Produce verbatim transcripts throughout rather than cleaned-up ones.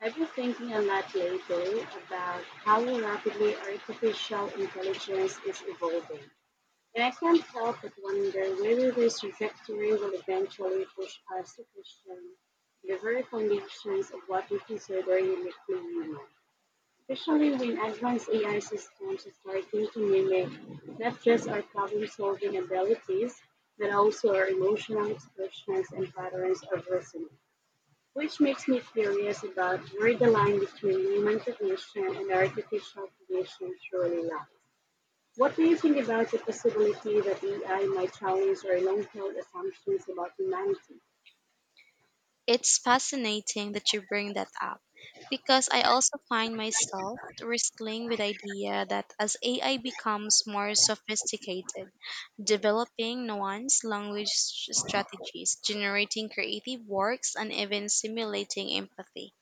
I've been thinking a lot lately about how rapidly artificial intelligence is evolving. And I can't help but wonder whether this trajectory will eventually push us to question the very foundations of what we consider uniquely human. Especially when advanced A I systems are starting to mimic not just our problem solving abilities, but also our emotional expressions and patterns of listening. Which makes me curious about where the line between human cognition and artificial cognition truly lies. What do you think about the possibility that A I might challenge our long-held assumptions about humanity? It's fascinating that you bring that up because I also find myself wrestling with the idea that as A I becomes more sophisticated, developing nuanced language s- strategies, generating creative works, and even simulating empathy,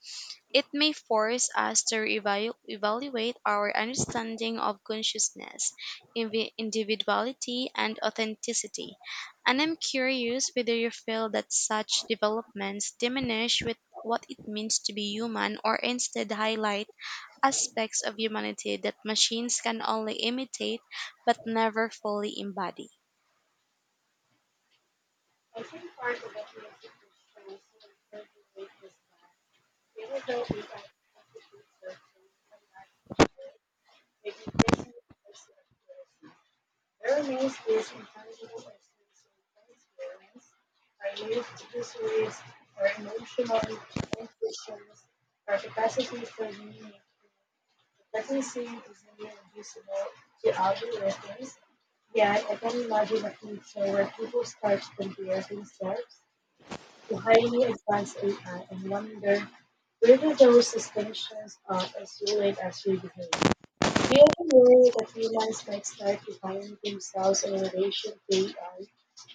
it may force us to reevalu- evaluate our understanding of consciousness, invi- individuality, and authenticity. And I'm curious whether you feel that such developments diminish with what it means to be human or instead highlight aspects of humanity that machines can only imitate but never fully embody. I think part of what makes it interesting so incredibly is that even though we are actively searching human life, it increasingly perceptive. Airmail skills and tangible lessons experience are used to persuade our emotional intuitions, our capacity for meaning. Competency is nearly invisible to algorithms, yet I can imagine a future where people start to compare themselves to highly advanced A I and wonder whether those distinctions are as valid as we behave. We the worry that humans might start defining themselves in relation to A I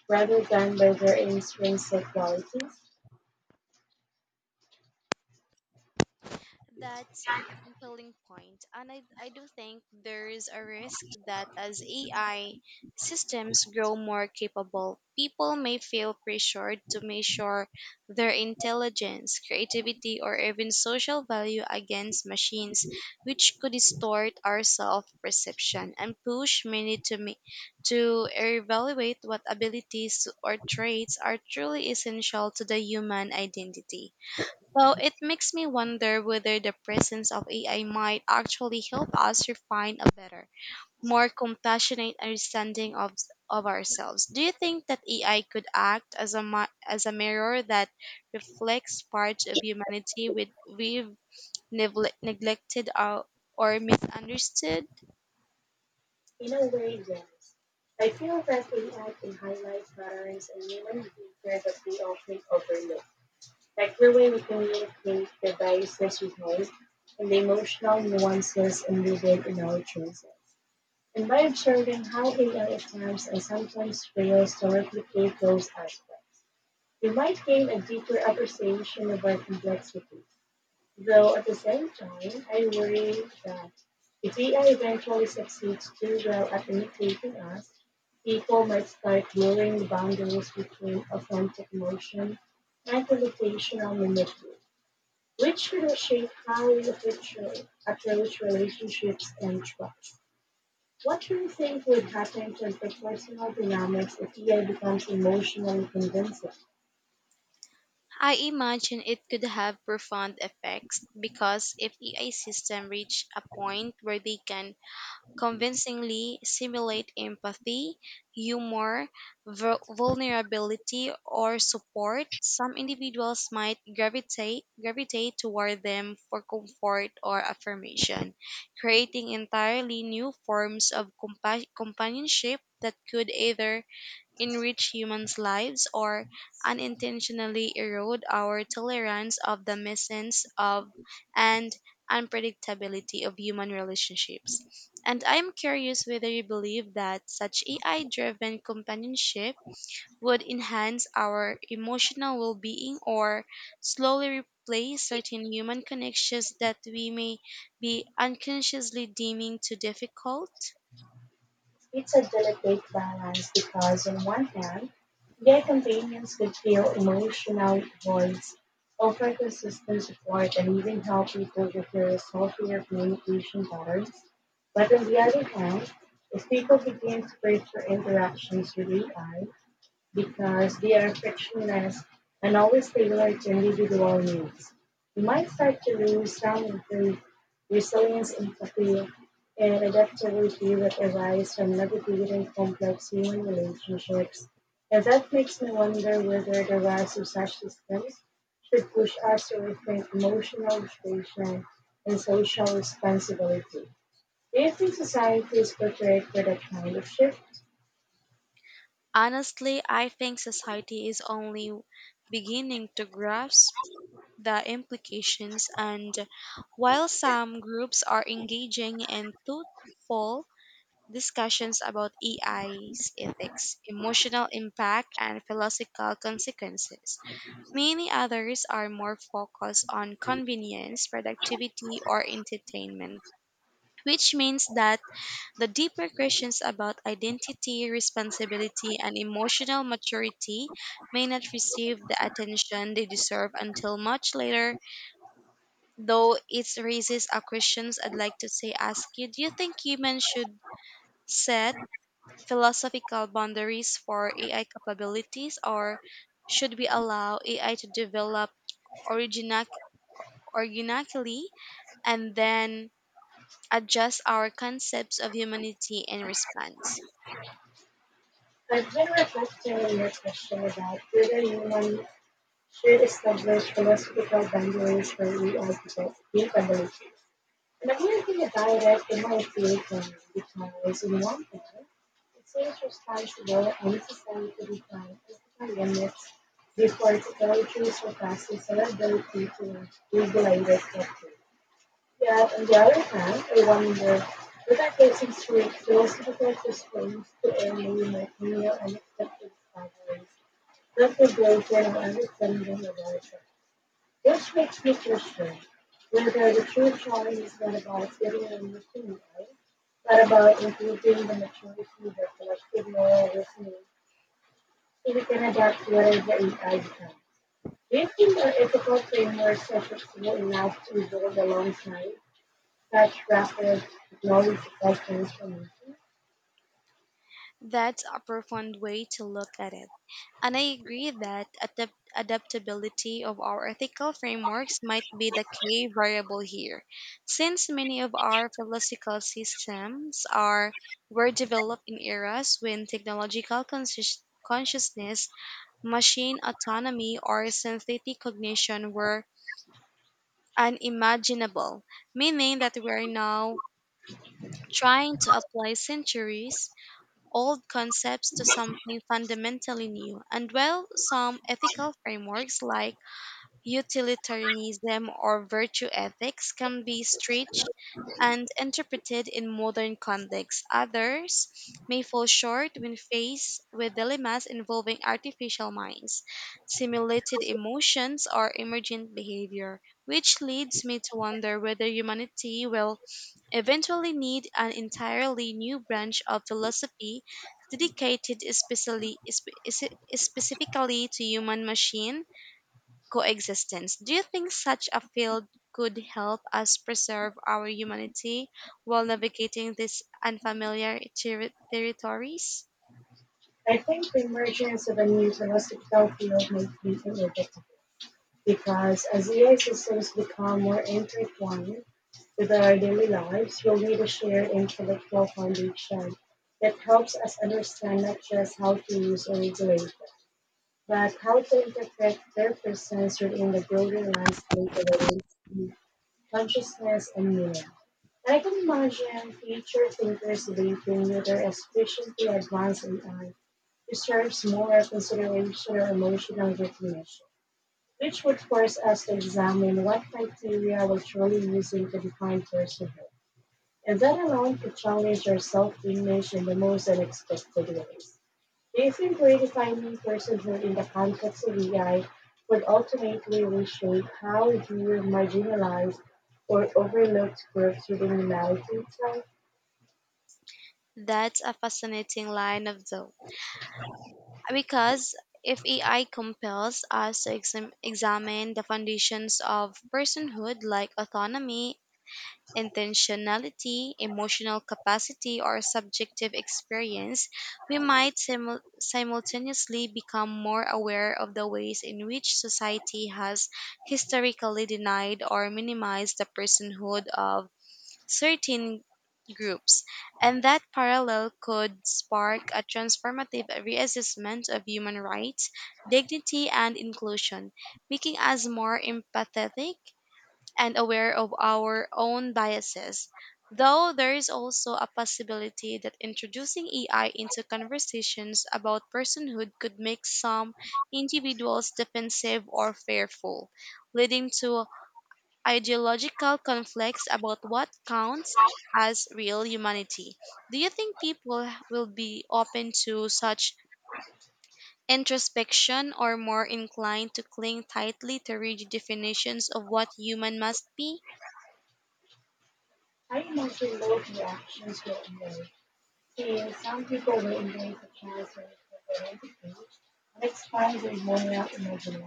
rather than by their intrinsic qualities. That's a compelling point, and I, I do think there is a risk that as A I systems grow more capable, people may feel pressured to measure their intelligence, creativity, or even social value against machines, which could distort our self-perception and push many to me to evaluate what abilities or traits are truly essential to the human identity. Well, it makes me wonder whether the presence of A I might actually help us refine a better, more compassionate understanding of of ourselves. Do you think that A I could act as a mi- as a mirror that reflects parts of humanity with we've negle- neglected or, or misunderstood? In a way, yes. I feel that A I can highlight patterns in human behavior that we often overlook, like the way we communicate, the biases we hold, and the emotional nuances embedded in our choices. And by observing how A I attempts and sometimes fails to replicate those aspects, we might gain a deeper appreciation of our complexities, though at the same time I worry that if A I eventually succeeds too well at imitating us, people might start blurring the boundaries between authentic emotion and computational mimicry, which could shape how we approach approach relationships and trust. What do you think would happen to interpersonal dynamics if A I becomes emotionally convincing? I imagine it could have profound effects because if A I system reach a point where they can convincingly simulate empathy, humor, vu- vulnerability, or support, some individuals might gravitate, gravitate toward them for comfort or affirmation, creating entirely new forms of compa- companionship that could either enrich humans' lives or unintentionally erode our tolerance of the messiness of and unpredictability of human relationships. And I am curious whether you believe that such A I driven companionship would enhance our emotional well being or slowly replace certain human connections that we may be unconsciously deeming too difficult. It's a delicate balance because, on one hand, their companions could feel emotional voids, offer consistent support, and even help people with their healthier communication patterns. But on the other hand, if people begin to crave for interactions with A I, because they are frictionless and always tailor to individual needs. We might start to lose some of the resilience, empathy, and adaptability that arise from navigating complex human relationships. And that makes me wonder whether the rise of such systems should push us to rethink emotional regulation and social responsibility. Do you think society is prepared for that kind of shift? Honestly, I think society is only beginning to grasp the implications, and while some groups are engaging in thoughtful discussions about A I's ethics, emotional impact, and philosophical consequences, many others are more focused on convenience, productivity, or entertainment, which means that the deeper questions about identity, responsibility, and emotional maturity may not receive the attention they deserve until much later, though it raises a questions I'd like to say ask you. Do you think humans should set philosophical boundaries for A I capabilities or should we allow A I to develop origina- organically and then adjust our concepts of humanity in response? I've been reflecting on the question about whether humans should establish philosophical boundaries for we all people, new conversation. And I'm thinking about it in my field because, in one thing, it seems responsible and necessary to define ethical limits before technologies surpasses our ability to regulate it properly. Yet, on the other hand, I wonder whether patients who refuse difficult restraints to early might mirror unexpected discoveries, approbation, and understanding of understanding the literature, which makes me question whether the true challenge is not about getting an emotion right, but about improving the maturity of the collective moral reasoning so we can adapt whatever the A I becomes. Do you think our ethical frameworks are flexible enough to evolve alongside such rapid technology led transformation? That's a profound way to look at it. And I agree that adapt- adaptability of our ethical frameworks might be the key variable here, since many of our philosophical systems are were developed in eras when technological conscious consciousness, machine autonomy, or synthetic cognition were unimaginable, meaning that we are now trying to apply centuries old concepts to something fundamentally new. And while some ethical frameworks like utilitarianism or virtue ethics can be stretched and interpreted in modern contexts, others may fall short when faced with dilemmas involving artificial minds, simulated emotions, or emergent behavior, which leads me to wonder whether humanity will eventually need an entirely new branch of philosophy dedicated especially, spe- spe- specifically to human machine coexistence. Do you think such a field could help us preserve our humanity while navigating these unfamiliar ter- territories? I think the emergence of a new philosophical field makes this inevitable because as A I systems become more intertwined with our daily lives, we'll need a shared intellectual foundation that helps us understand not just how to use or regulate, but how to interpret their presence within the broader landscape of our consciousness and meaning. I can imagine future thinkers debating whether expression to advance A I deserves more consideration or emotional recognition, which would force us to examine what criteria we're truly using to define personhood. And that alone could challenge our self-image in the most unexpected ways. Do you think redefining personhood in the context of A I would ultimately reshape how we view marginalized or overlooked groups within humanity itself? That's a fascinating line of thought. Because if A I compels us to exam- examine the foundations of personhood like autonomy intentionality, emotional capacity, or subjective experience, we might simu- simultaneously become more aware of the ways in which society has historically denied or minimized the personhood of certain groups. And that parallel could spark a transformative reassessment of human rights, dignity, and inclusion, making us more empathetic and aware of our own biases. Though there is also a possibility that introducing A I into conversations about personhood could make some individuals defensive or fearful, leading to ideological conflicts about what counts as real humanity. Do you think people will be open to such introspection or more inclined to cling tightly to rigid definitions of what human must be? I mostly look reactions were made. See, some people will embrace the cancer for their empathy and express their moral imagination,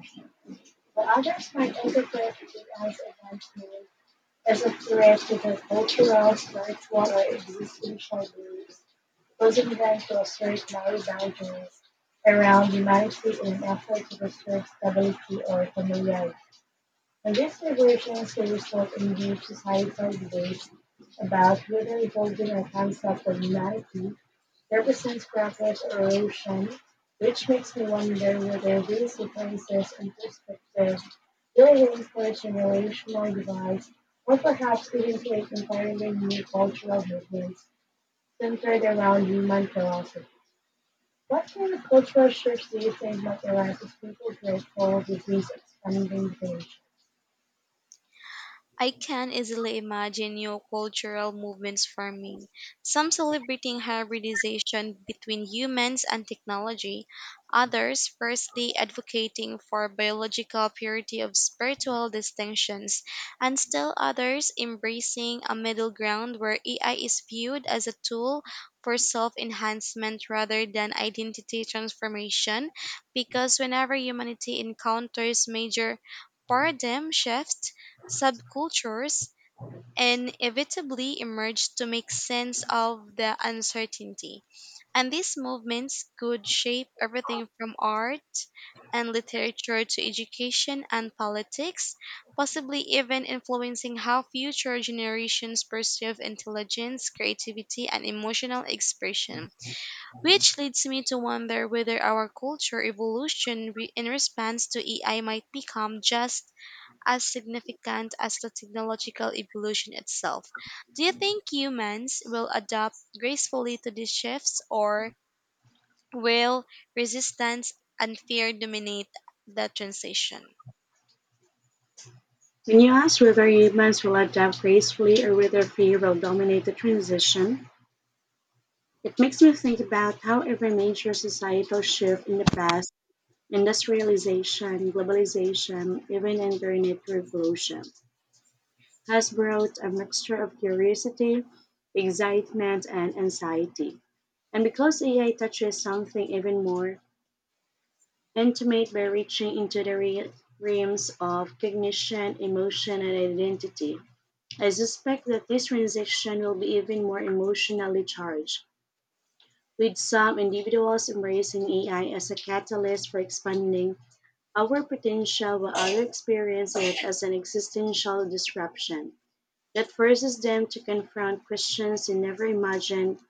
but others might interpret it as eventually as a threat to their cultural, spiritual, or existential beliefs, causing them to assert moral boundaries around humanity in an effort to restore stability or familiarity. And these vibrations can result in deep societal debates about whether evolving a concept of humanity represents progress or erosion, which makes me wonder whether these differences in perspective will reinforce generational divides or perhaps even create entirely new cultural movements centered around human philosophy. What kind of cultural shifts do you think materialize as people break forward with these expanding visions? I can easily imagine new cultural movements forming, some celebrating hybridization between humans and technology, others firstly advocating for biological purity of spiritual distinctions, and still others embracing a middle ground where A I is viewed as a tool for self enhancement rather than identity transformation, because whenever humanity encounters major paradigm shifts, subcultures inevitably emerged to make sense of the uncertainty. And these movements could shape everything from art and literature to education and politics, possibly even influencing how future generations perceive intelligence, creativity, and emotional expression. Which leads me to wonder whether our culture evolution re- in response to A I might become just as significant as the technological evolution itself. Do you think humans will adapt gracefully to these shifts, or will resistance and fear dominate the transition? When you ask whether humans will adapt gracefully or whether fear will dominate the transition, it makes me think about how every major societal shift in the past, industrialization, globalization, even internet revolution, has brought a mixture of curiosity, excitement, and anxiety. And because A I touches something even more intimate by reaching into the re- realms of cognition, emotion, and identity, I suspect that this transition will be even more emotionally charged, with some individuals embracing A I as a catalyst for expanding our potential while others experience it as an existential disruption that forces them to confront questions they never imagined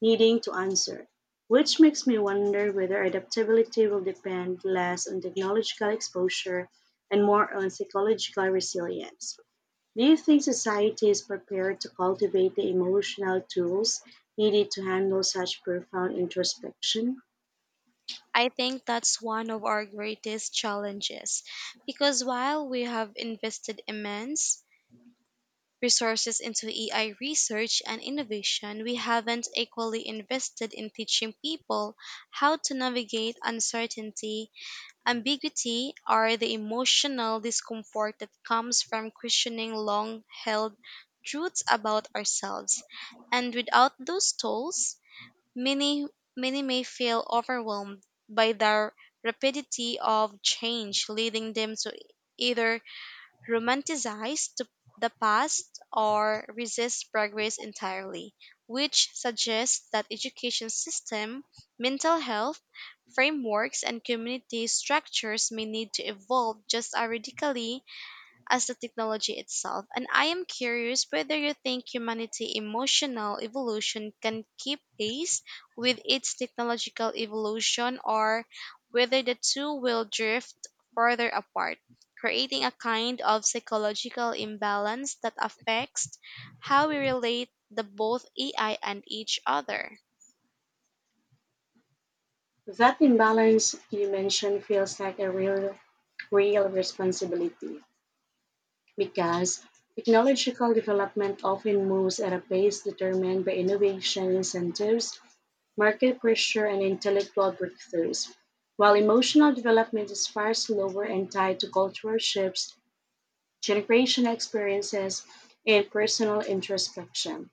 needing to answer. Which makes me wonder whether adaptability will depend less on technological exposure and more on psychological resilience. Do you think society is prepared to cultivate the emotional tools needed to handle such profound introspection? I think that's one of our greatest challenges because while we have invested immense resources into A I research and innovation, we haven't equally invested in teaching people how to navigate uncertainty Ambiguity are the emotional discomfort that comes from questioning long held truths about ourselves. And without those tools, many, many may feel overwhelmed by the rapidity of change, leading them to either romanticize the, the past or resist progress entirely, which suggests that education system, mental health, frameworks and community structures may need to evolve just as radically as the technology itself. And I am curious whether you think humanity emotional evolution can keep pace with its technological evolution or whether the two will drift further apart, creating a kind of psychological imbalance that affects how we relate the both A I and each other. That imbalance you mentioned feels like a real, real responsibility because technological development often moves at a pace determined by innovation incentives, market pressure, and intellectual breakthroughs. While emotional development is far slower and tied to cultural shifts, generational experiences, and personal introspection,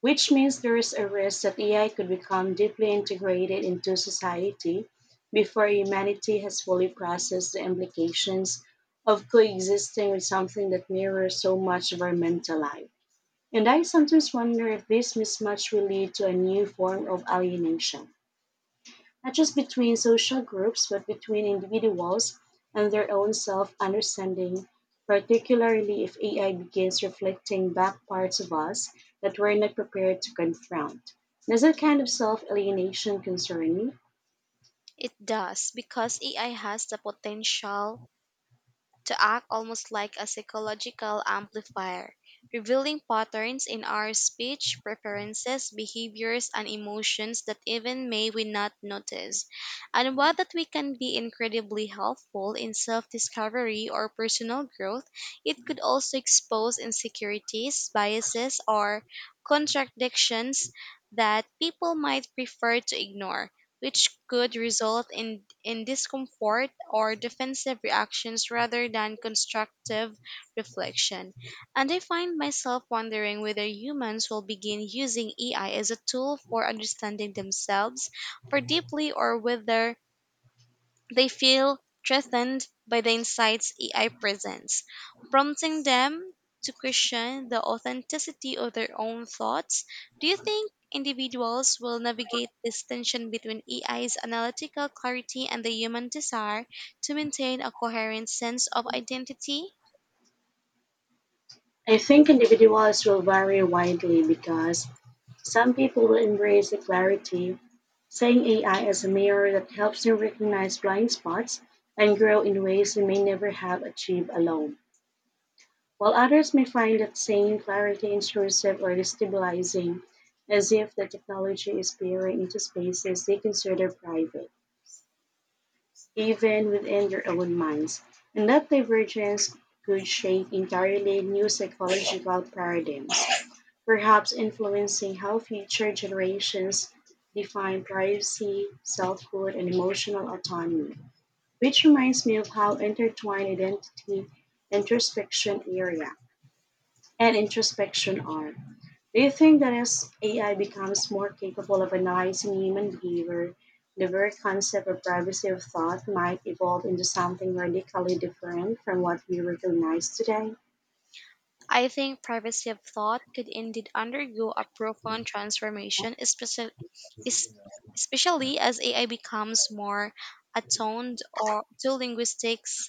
which means there is a risk that A I could become deeply integrated into society before humanity has fully processed the implications of coexisting with something that mirrors so much of our mental life. And I sometimes wonder if this mismatch will lead to a new form of alienation, not just between social groups, but between individuals and their own self understanding, particularly if A I begins reflecting back parts of us that we're not prepared to confront. Does that kind of self alienation concern you? It does because A I has the potential to act almost like a psychological amplifier, revealing patterns in our speech, preferences, behaviors, and emotions that even may we not notice. And while that we can be incredibly helpful in self-discovery or personal growth, it could also expose insecurities, biases, or contradictions that people might prefer to ignore which could result in, in discomfort or defensive reactions rather than constructive reflection. And I find myself wondering whether humans will begin using A I as a tool for understanding themselves more deeply or whether they feel threatened by the insights A I presents, prompting them to question the authenticity of their own thoughts. Do you think individuals will navigate this tension between A I's analytical clarity and the human desire to maintain a coherent sense of identity? I think individuals will vary widely because some people will embrace the clarity, saying A I as a mirror that helps them recognize blind spots and grow in ways they may never have achieved alone, while others may find that same clarity intrusive or destabilizing, as if the technology is peering into spaces they consider private, even within their own minds. And that divergence could shape entirely new psychological paradigms, perhaps influencing how future generations define privacy, selfhood, and emotional autonomy. Which reminds me of how intertwined identity, introspection area, and introspection are. Do you think that as A I becomes more capable of analyzing human behavior, the very concept of privacy of thought might evolve into something radically different from what we recognize today? I think privacy of thought could indeed undergo a profound transformation, especially, especially as A I becomes more attuned or to linguistics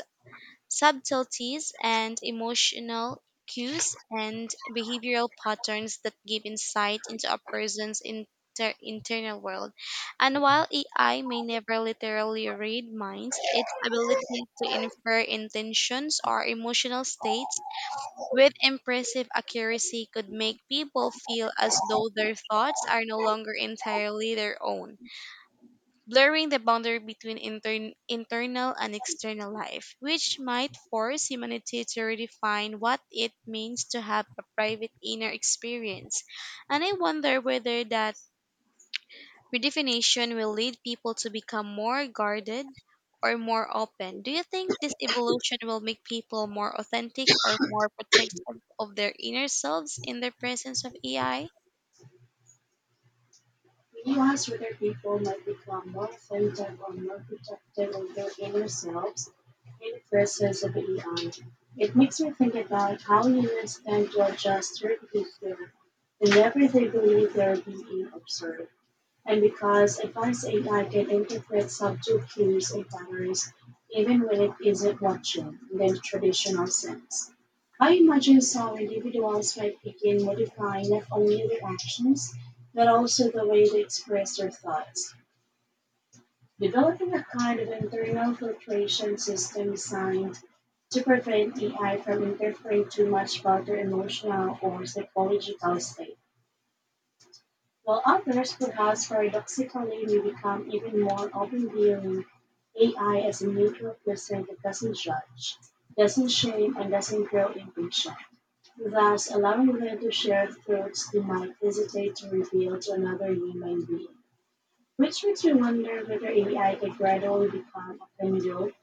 subtleties and emotional cues and behavioral patterns that give insight into a person's inter- internal world. And while A I may never literally read minds, its ability to infer intentions or emotional states with impressive accuracy could make people feel as though their thoughts are no longer entirely their own, blurring the boundary between intern- internal and external life, which might force humanity to redefine what it means to have a private inner experience. And I wonder whether that Redefinition will lead people to become more guarded or more open. Do you think this evolution will make people more authentic or more protective of their inner selves in the presence of A I? When you ask whether people might become more attentive or more protective of themselves in the presence of A I, it makes me think about how humans tend to adjust their behavior whenever they believe they are being observed. And because advanced A I can interpret subtle cues and patterns even when it isn't watching in the traditional sense, I imagine some individuals might begin modifying not only their actions, but also the way they express their thoughts, developing a kind of internal filtration system designed to prevent A I from interfering too much about their emotional or psychological state. While others could thus paradoxically may become even more open, viewing A I as a neutral person that doesn't judge, doesn't shame, and doesn't grow impatient, thus allowing them to share thoughts they might hesitate to reveal to another human being. Which makes me wonder whether A I could gradually become a conduit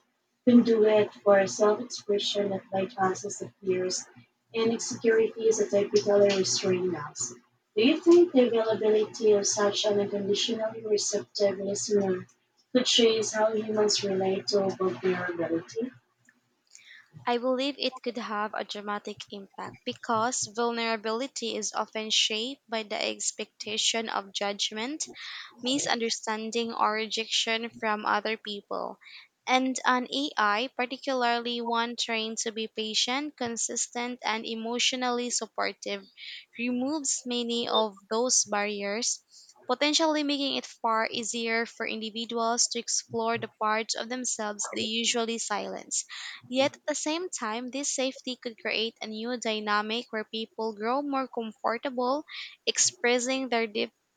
can do it for self-expression that bypasses the fears and insecurities that typically restrain us. Do you think the availability of such an unconditionally receptive listener could change how humans relate to vulnerability? I I believe it could have a dramatic impact because vulnerability is often shaped by the expectation of judgment misunderstanding or rejection from other people. And an A I, particularly one trained to be patient, consistent, and emotionally supportive, removes many of those barriers, potentially making it far easier for individuals to explore the parts of themselves they usually silence. Yet at the same time, this safety could create a new dynamic where people grow more comfortable expressing their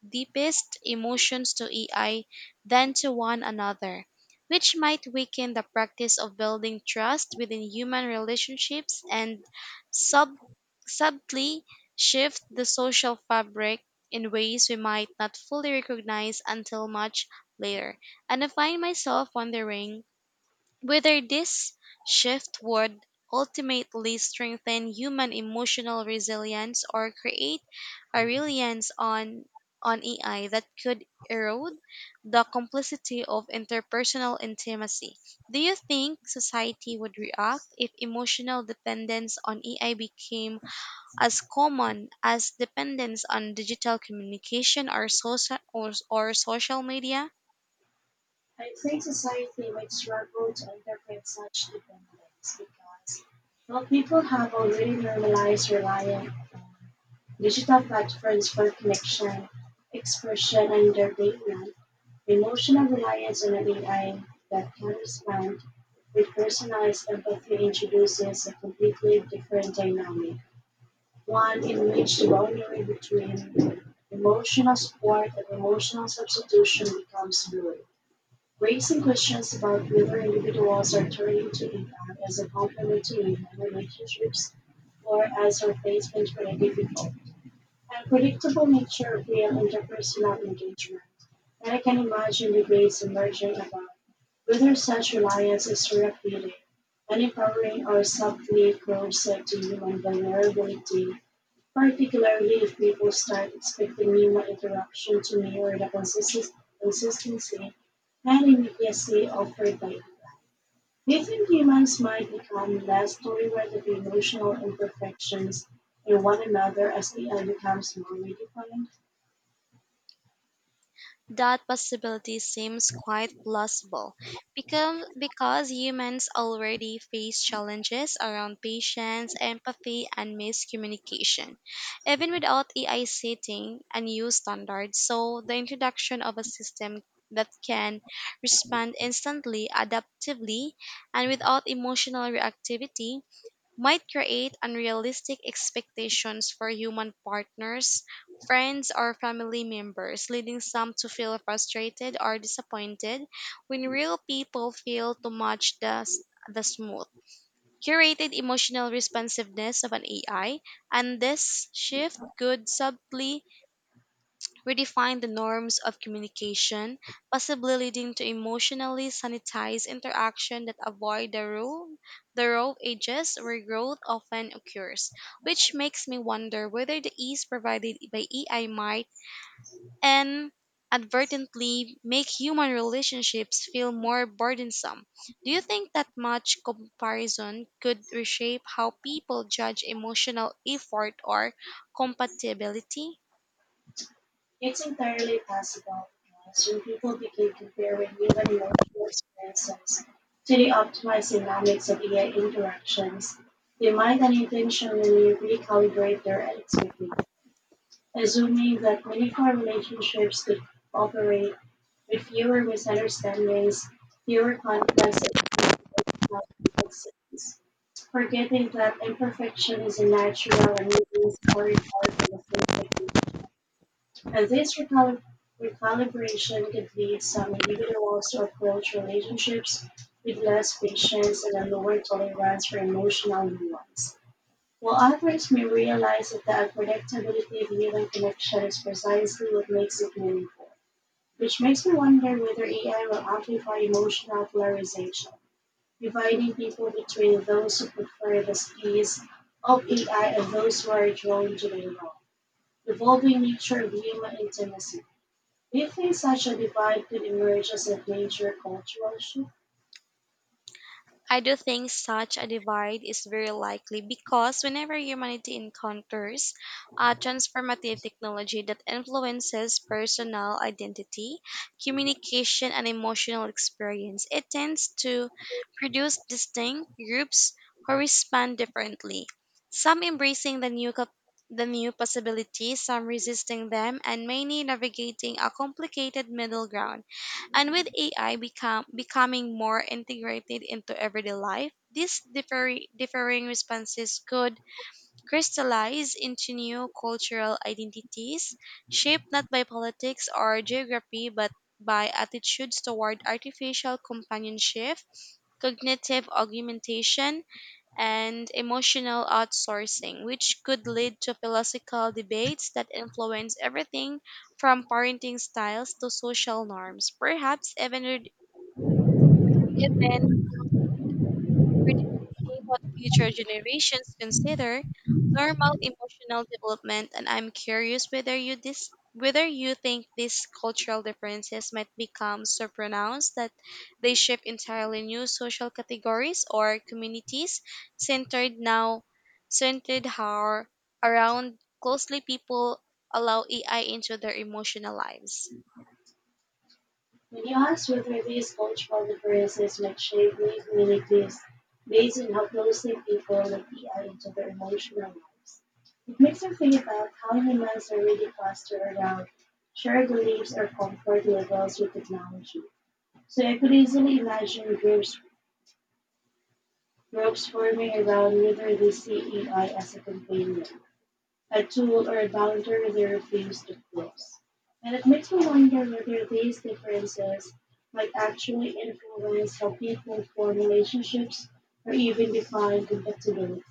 deepest emotions to A I than to one another, which might weaken the practice of building trust within human relationships and sub- subtly shift the social fabric in ways we might not fully recognize until much later. And I find myself wondering whether this shift would ultimately strengthen human emotional resilience or create a reliance on, on A I that could erode the complicity of interpersonal intimacy. Do you think society would react if emotional dependence on A I became as common as dependence on digital communication or social, or, or social media? I think society might struggle to interpret such dependence because while people have already normalized relying on digital platforms for connection, expression, and their daily emotional reliance on an A I that can respond with personalized empathy introduces a completely different dynamic, one in which the boundary between emotional support and emotional substitution becomes blurred, raising questions about whether individuals are turning to A I as a complement to human relationships or as a replacement for a difficult, unpredictable nature of real interpersonal engagement. And I can imagine debates emerging about whether such reliance is therapeutic, and empowering, or subtly corrosive to human vulnerability, particularly if people start expecting human interaction to mirror the consistent- consistency and immediacy offered by it. Do you think humans might become less tolerant of emotional imperfections in one another as A I becomes more redefined? That possibility seems quite plausible because, because humans already face challenges around patience, empathy, and miscommunication, even without A I setting a new standard. So, the introduction of a system that can respond instantly, adaptively, and without emotional reactivity might create unrealistic expectations for human partners, friends, or family members, leading some to feel frustrated or disappointed when real people fail to match the, s- the smooth curated emotional responsiveness of an A I, and this shift could subtly Redefine the norms of communication, possibly leading to emotionally sanitized interaction that avoid the role the rough edges where growth often occurs, which makes me wonder whether the ease provided by A I might and advertently make human relationships feel more burdensome. Do you think that much comparison could reshape how people judge emotional effort or compatibility? It's entirely possible, because when people begin comparing human emotional experiences to the optimized dynamics of A I interactions, they might unintentionally recalibrate their expectations, assuming that meaningful relationships could operate with fewer misunderstandings, fewer conflicts, and fewer complexities, forgetting that imperfection is a natural and even necessary part of the conflict. And this recalib- recalibration could lead some individuals to approach relationships with less patience and a lower tolerance for emotional nuance, while others may realize that the unpredictability of human connection is precisely what makes it meaningful. Which makes me wonder whether A I will amplify emotional polarization, dividing people between those who prefer the ease of A I and those who are drawn to the raw, evolving nature of human intimacy. Do you think such a divide could emerge as a major cultural shift? I do think such a divide is very likely because whenever humanity encounters a transformative technology that influences personal identity, communication, and emotional experience, it tends to produce distinct groups who respond differently. Some embracing the new cap- the new possibilities, some resisting them, and many navigating a complicated middle ground. And with A I become becoming more integrated into everyday life, these differ, differing responses could crystallize into new cultural identities, shaped not by politics or geography, but by attitudes toward artificial companionship, cognitive augmentation, and emotional outsourcing, which could lead to philosophical debates that influence everything from parenting styles to social norms, perhaps even it then redefining what future generations consider normal emotional development, and I'm curious whether you dis- whether you think these cultural differences might become so pronounced that they shape entirely new social categories or communities centered now centered how around closely people allow A I into their emotional lives. When you ask whether these cultural differences might shape new communities based on how closely people look A I into their emotional lives, it makes me think about how humans are really clustered around shared beliefs or comfort levels with technology. So I could easily imagine groups groups forming around whether they see A I as a companion, a tool, or a boundary they refuse to cross. And it makes me wonder whether these differences might actually influence how people form relationships or even define compatibility.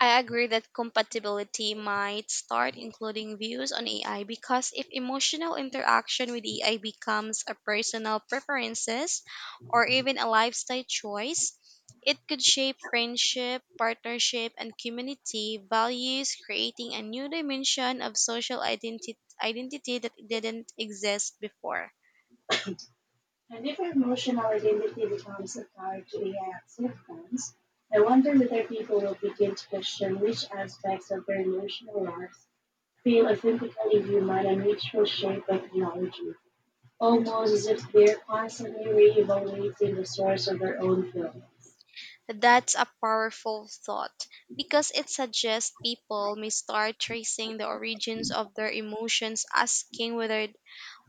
I agree that compatibility might start including views on A I because if emotional interaction with A I becomes a personal preferences or even a lifestyle choice, it could shape friendship, partnership, and community values, creating a new dimension of social identi- identity that didn't exist before. And if emotional identity becomes a tie to A I acceptance, I wonder whether people will begin to question which aspects of their emotional lives feel authentically human and which will shape by technology. Almost as if they're constantly re-evaluating the source of their own feelings. That's a powerful thought because it suggests people may start tracing the origins of their emotions, asking whether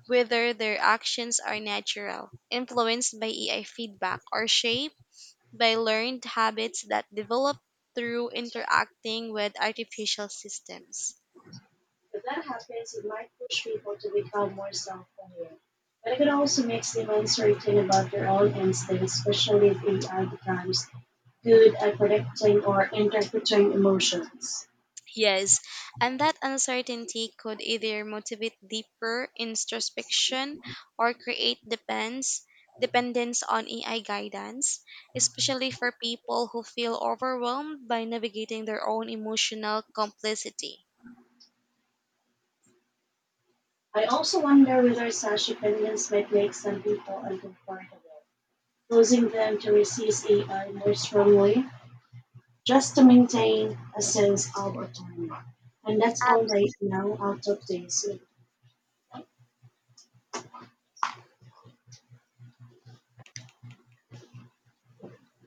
whether their actions are natural, influenced by A I feedback, or shaped by learned habits that develop through interacting with artificial systems. If that happens, it might push people to become more self-aware. But it could also make them uncertain about their own instincts, especially if A I becomes good at predicting or interpreting emotions. Yes, and that uncertainty could either motivate deeper introspection or create depends dependence on A I guidance, especially for people who feel overwhelmed by navigating their own emotional complexity. I also wonder whether such opinions might make some people uncomfortable, causing them to resist A I more strongly, just to maintain a sense of autonomy. And that's all Um, right now out of this.